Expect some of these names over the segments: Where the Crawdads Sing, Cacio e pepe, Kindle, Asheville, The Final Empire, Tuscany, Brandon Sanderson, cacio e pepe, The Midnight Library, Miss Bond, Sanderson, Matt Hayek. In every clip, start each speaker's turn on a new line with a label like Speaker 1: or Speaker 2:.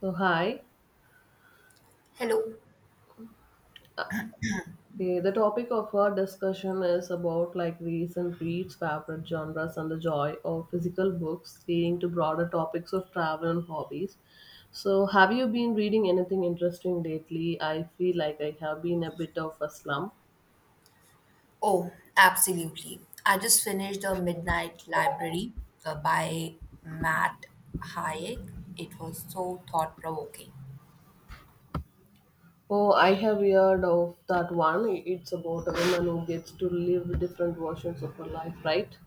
Speaker 1: So hi,
Speaker 2: Hello.
Speaker 1: the topic of our discussion is about like recent reads, favorite genres, and the joy of physical books, leading to broader topics of travel and hobbies. So have you been reading anything interesting lately? I feel like I have been a bit of a slump.
Speaker 2: Oh, absolutely. I just finished The Midnight Library by Matt Hayek. It was so thought provoking.
Speaker 1: Oh, I have heard of that one. It's about a woman who gets to live different versions of her life, right?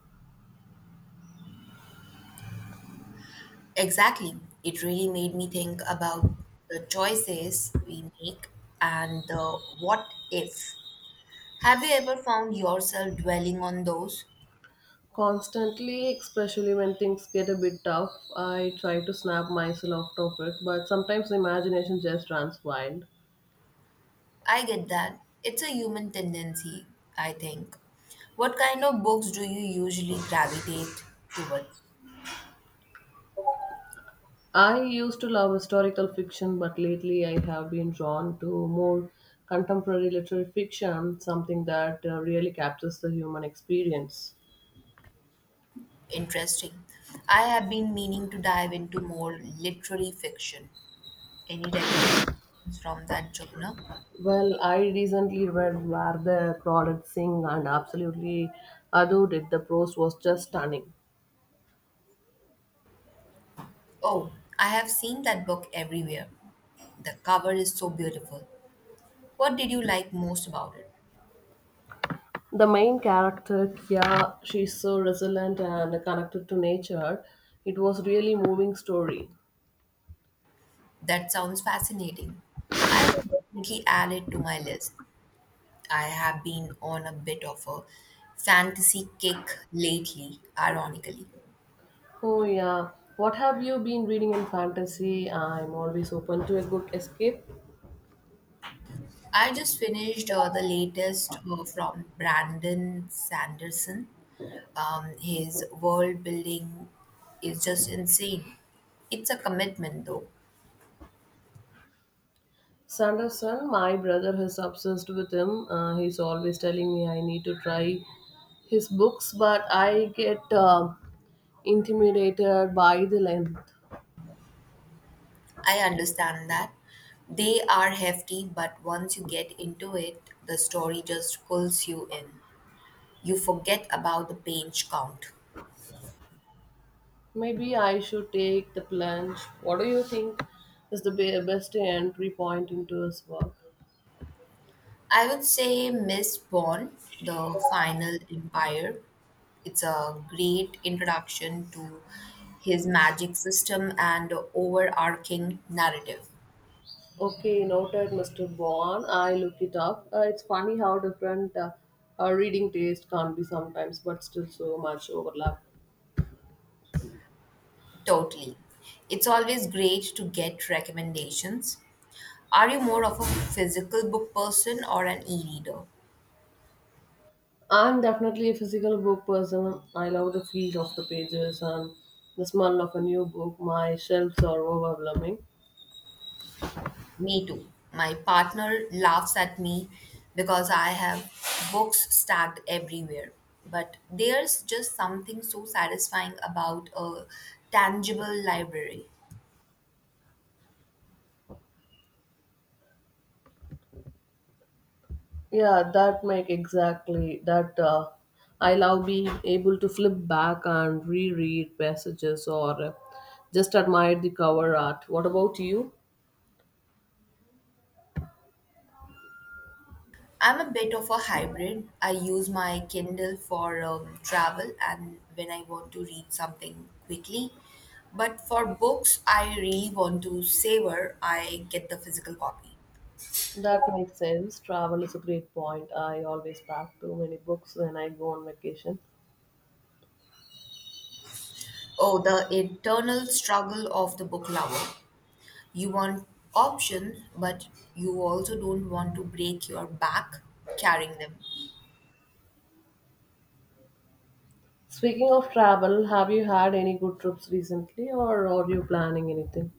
Speaker 2: Exactly. It really made me think about the choices we make and the what if. Have you ever found yourself dwelling on those?
Speaker 1: Constantly, especially when things get a bit tough, I try to snap myself off of it, but sometimes the imagination just runs wild.
Speaker 2: I get that. It's a human tendency, I think. What kind of books do you usually gravitate towards?
Speaker 1: I used to love historical fiction, but lately I have been drawn to more contemporary literary fiction, something that really captures the human experience.
Speaker 2: Interesting. I have been meaning to dive into more literary fiction. Any recommendations from that genre?
Speaker 1: Well, I recently read Where the Crawdads Sing, and absolutely adored it. The prose was just stunning.
Speaker 2: Oh, I have seen that book everywhere. The cover is so beautiful. What did you like most about it?
Speaker 1: The main character Kia, she's so resilient and connected to nature. It was really moving story.
Speaker 2: That sounds fascinating. I will definitely add it to my list. I have been on a bit of a fantasy kick lately, ironically.
Speaker 1: Oh yeah, what have you been reading in fantasy? I'm always open to a good escape.
Speaker 2: I just finished the latest from Brandon Sanderson. His world building is just insane. It's a commitment, though.
Speaker 1: Sanderson, my brother is obsessed with him. He's always telling me I need to try his books, but I get intimidated by the length.
Speaker 2: I understand that. They are hefty, but once you get into it, the story just pulls you in. You forget about the page count.
Speaker 1: Maybe I should take the plunge. What do you think is the best entry point into his work?
Speaker 2: I would say Miss Bond, The Final Empire. It's a great introduction to his magic system and overarching narrative.
Speaker 1: Okay, noted, Mr. Bond. I looked it up. It's funny how different our reading taste can be sometimes, but still so much overlap.
Speaker 2: Totally. It's always great to get recommendations. Are you more of a physical book person or an e reader?
Speaker 1: I'm definitely a physical book person. I love the feel of the pages and the smell of a new book. My shelves are overwhelming.
Speaker 2: Me too. My partner laughs at me because I have books stacked everywhere. But there's just something so satisfying about a tangible library.
Speaker 1: Yeah, that make exactly that. I love being able to flip back and reread passages or just admire the cover art. What about you?
Speaker 2: I'm a bit of a hybrid. I use my Kindle for travel and when I want to read something quickly. But for books I really want to savor, I get the physical copy.
Speaker 1: That makes sense. Travel is a great point. I always pack too many books when I go on vacation.
Speaker 2: Oh, the internal struggle of the book lover. You want option, but you also don't want to break your back carrying them.
Speaker 1: Speaking of travel, have you had any good trips recently or are you planning anything?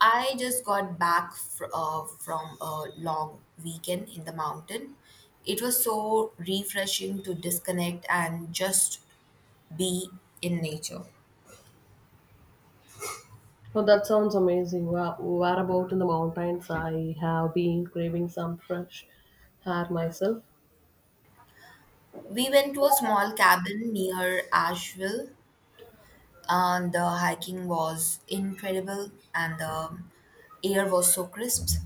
Speaker 2: I just got back from a long weekend in the mountain. It was so refreshing to disconnect and just be in nature.
Speaker 1: Oh, that sounds amazing. Where about in the mountains? I have been craving some fresh air myself.
Speaker 2: We went to a small cabin near Asheville, and the hiking was incredible, and the air was so crisp.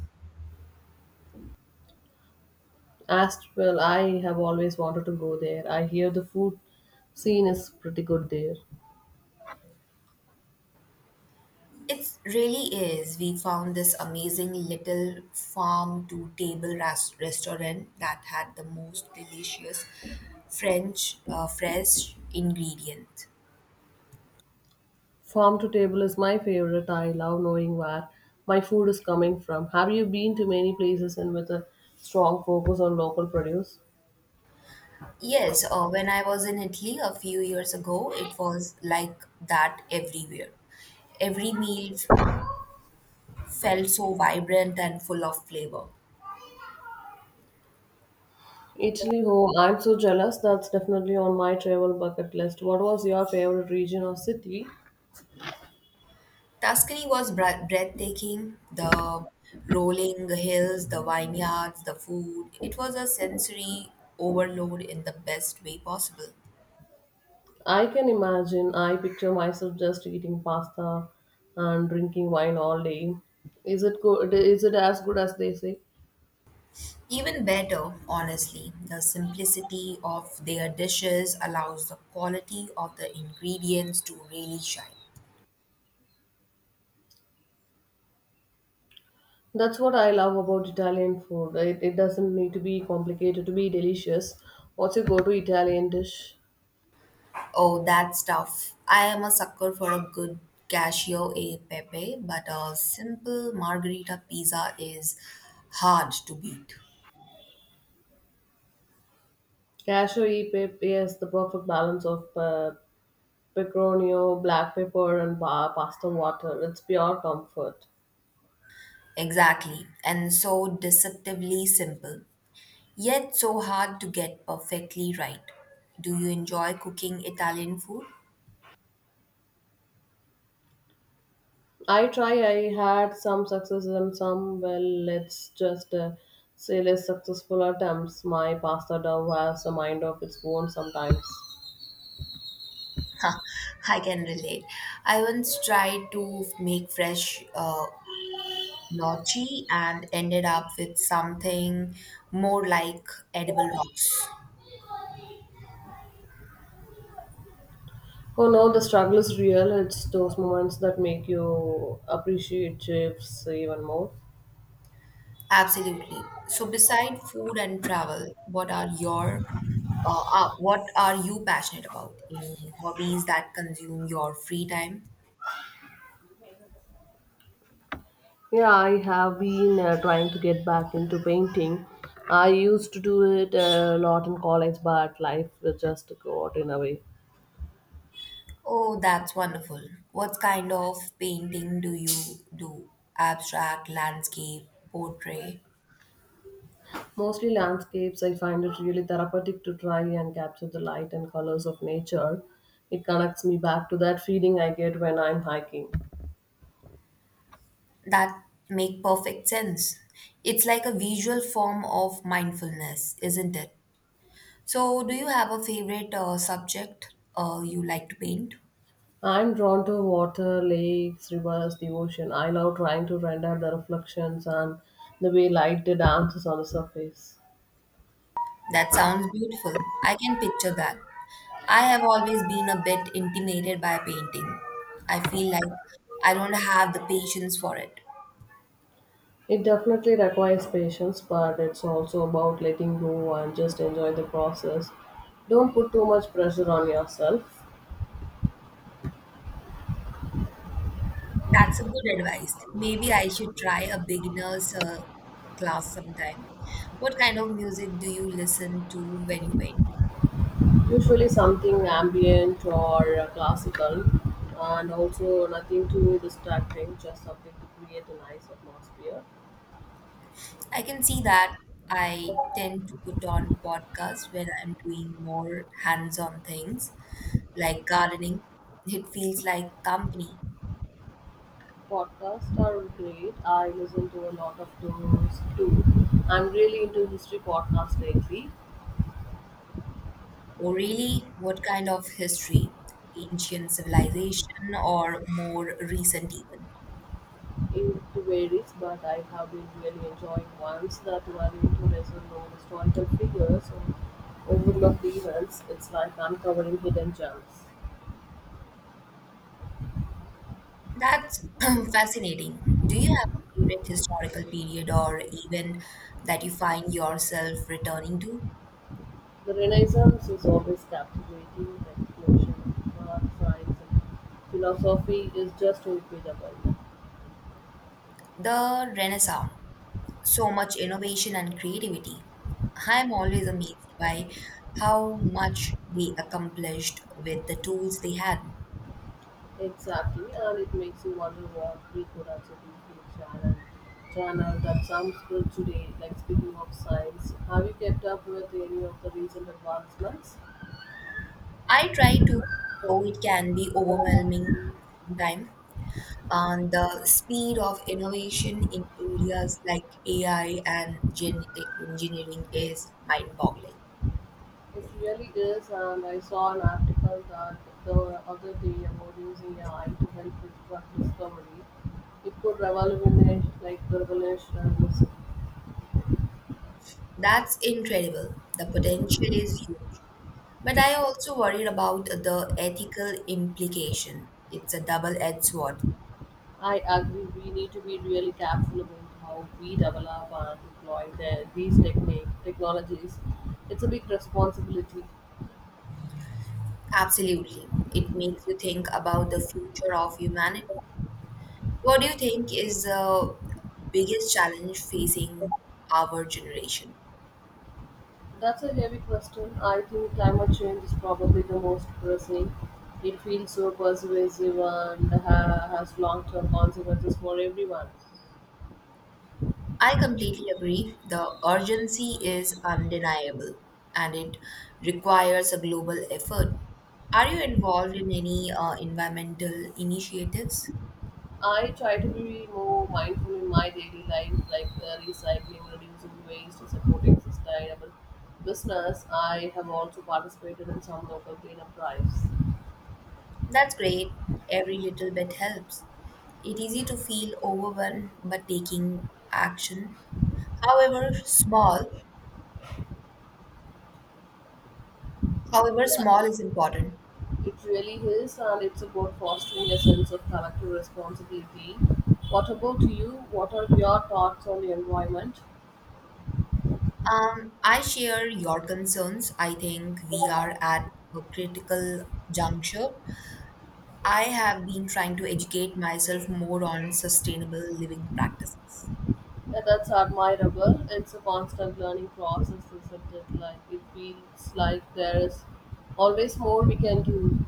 Speaker 1: As well, I have always wanted to go there. I hear the food scene is pretty good there.
Speaker 2: It really is. We found this amazing little farm to table restaurant that had the most delicious French fresh ingredient.
Speaker 1: Farm to table is my favorite. I love knowing where my food is coming from. Have you been to many places and with a strong focus on local produce?
Speaker 2: Yes, when I was in Italy a few years ago, it was like that everywhere. Every meal felt so vibrant and full of flavor.
Speaker 1: Italy, oh, I'm so jealous. That's definitely on my travel bucket list. What was your favorite region or city?
Speaker 2: Tuscany was breathtaking. The rolling hills, the vineyards, the food. It was a sensory overload in the best way possible.
Speaker 1: I can imagine. I picture myself just eating pasta and drinking wine all day. Is it good? Is it as good as they say?
Speaker 2: Even better, honestly, the simplicity of their dishes allows the quality of the ingredients to really shine.
Speaker 1: That's what I love about Italian food. It doesn't need to be complicated to be delicious. What's your go to Italian dish?
Speaker 2: Oh, that stuff. I am a sucker for a good cascio e pepe, but a simple margarita pizza is hard to beat.
Speaker 1: Cashew e pepe is the perfect balance of pecorino, black pepper, and pasta water. It's pure comfort.
Speaker 2: Exactly, and so deceptively simple, yet so hard to get perfectly right. Do you enjoy cooking Italian food?
Speaker 1: I try, I had some success and some, well, let's just say less successful attempts. My pasta dough has a mind of its own sometimes.
Speaker 2: Ha, I can relate. I once tried to make fresh gnocchi and ended up with something more like edible rocks.
Speaker 1: Oh no, the struggle is real. It's those moments that make you appreciate shapes even more.
Speaker 2: Absolutely. So, beside food and travel, what are your what are you passionate about? Any hobbies that consume your free time?
Speaker 1: Yeah, I have been trying to get back into painting. I used to do it a lot in college, but life just got in a way.
Speaker 2: Oh, that's wonderful. What kind of painting do you do? Abstract, landscape, portrait?
Speaker 1: Mostly landscapes, I find it really therapeutic to try and capture the light and colors of nature. It connects me back to that feeling I get when I'm hiking.
Speaker 2: That make perfect sense. It's like a visual form of mindfulness, isn't it? So, do you have a favorite subject you like to paint?
Speaker 1: I'm drawn to water, lakes, rivers, the ocean. I love trying to render the reflections and the way light dances on the surface.
Speaker 2: That sounds beautiful. I can picture that. I have always been a bit intimidated by painting. I feel like I don't have the patience for it.
Speaker 1: It definitely requires patience, but it's also about letting go and just enjoy the process. Don't put too much pressure on yourself.
Speaker 2: That's a good advice. Maybe I should try a beginner's class sometime. What kind of music do you listen to when you paint?
Speaker 1: Usually, something ambient or classical, and also nothing too distracting, just something to create a nice atmosphere.
Speaker 2: I can see that I tend to put on podcasts when I'm doing more hands on things like gardening. It feels like company.
Speaker 1: Podcasts are great. I listen to a lot of those too. I'm really into history podcasts lately.
Speaker 2: Or really, what kind of history? Ancient civilization or more recent even?
Speaker 1: It varies, but I have been really enjoying ones that were into lesser-known historical figures or overlooked events. It's like uncovering hidden gems.
Speaker 2: That's fascinating. Do you have a favorite historical period or even that you find yourself returning to?
Speaker 1: The Renaissance is always captivating. The explosion of art, science, and philosophy is just incredible.
Speaker 2: The Renaissance. So much innovation and creativity. I'm always amazed by how much they accomplished with the tools they had.
Speaker 1: Exactly, and it makes you wonder what we could actually do to channel that sounds good today. Like speaking of science, have you kept up with any of the recent advancements?
Speaker 2: I try to, though it can be overwhelming sometimes, and the speed of innovation in areas like AI and genetic engineering is mind boggling.
Speaker 1: It really is, and I saw an article that the other day about using AI to help with drug discovery. It could revolutionize.
Speaker 2: That's incredible. The potential is huge. But I also worried about the ethical implication. It's a double-edged sword.
Speaker 1: I agree. We need to be really careful about how we develop and deploy these technologies. It's a big responsibility.
Speaker 2: Absolutely. It makes you think about the future of humanity. What do you think is the biggest challenge facing our generation?
Speaker 1: That's a heavy question. I think climate change is probably the most pressing. It feels so pervasive and has long-term consequences for everyone.
Speaker 2: I completely agree. The urgency is undeniable and it requires a global effort. Are you involved in any environmental initiatives?
Speaker 1: I try to be more mindful in my daily life, like recycling, reducing waste, supporting sustainable business. I have also participated in some local cleanup drives.
Speaker 2: That's great. Every little bit helps. It's easy to feel overwhelmed, but taking action, however small, however
Speaker 1: Yeah,
Speaker 2: small is important.
Speaker 1: it really is, and it's about fostering a sense of collective responsibility. What about you? What are your thoughts on the environment?
Speaker 2: I share your concerns. I think we are at a critical juncture. I have been trying to educate myself more on sustainable living practices.
Speaker 1: Yeah, that's admirable. It's a constant learning process, isn't it? Like it feels like there is always more we can do.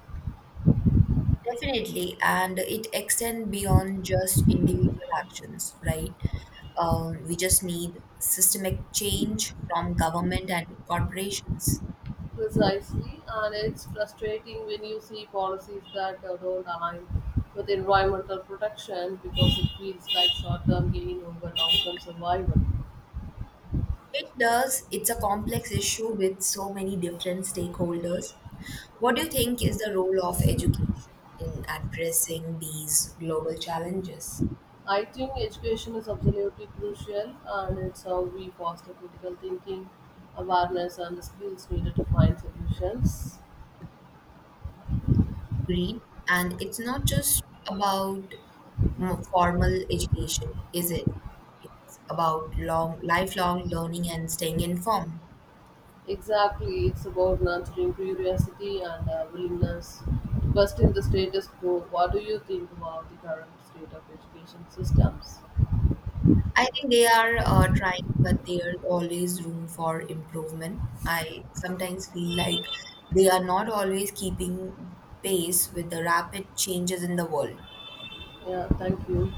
Speaker 2: Definitely, and it extends beyond just individual actions, right? We just need systemic change from government and corporations.
Speaker 1: Precisely, and it's frustrating when you see policies that don't align with environmental protection because it feels like short-term gain over long-term survival.
Speaker 2: It does. It's a complex issue with so many different stakeholders. What do you think is the role of education in addressing these global challenges?
Speaker 1: I think education is absolutely crucial, and it's how we foster critical thinking, awareness, and the skills needed to find solutions.
Speaker 2: Agreed. And it's not just about formal education, is it? It's about long, lifelong learning and staying informed.
Speaker 1: Exactly, it's about nurturing curiosity and willingness to question the status quo. What do you think about the current state of education systems?
Speaker 2: I think they are trying, but there's always room for improvement. I sometimes feel like they are not always keeping pace with the rapid changes in the world.
Speaker 1: Yeah, thank you.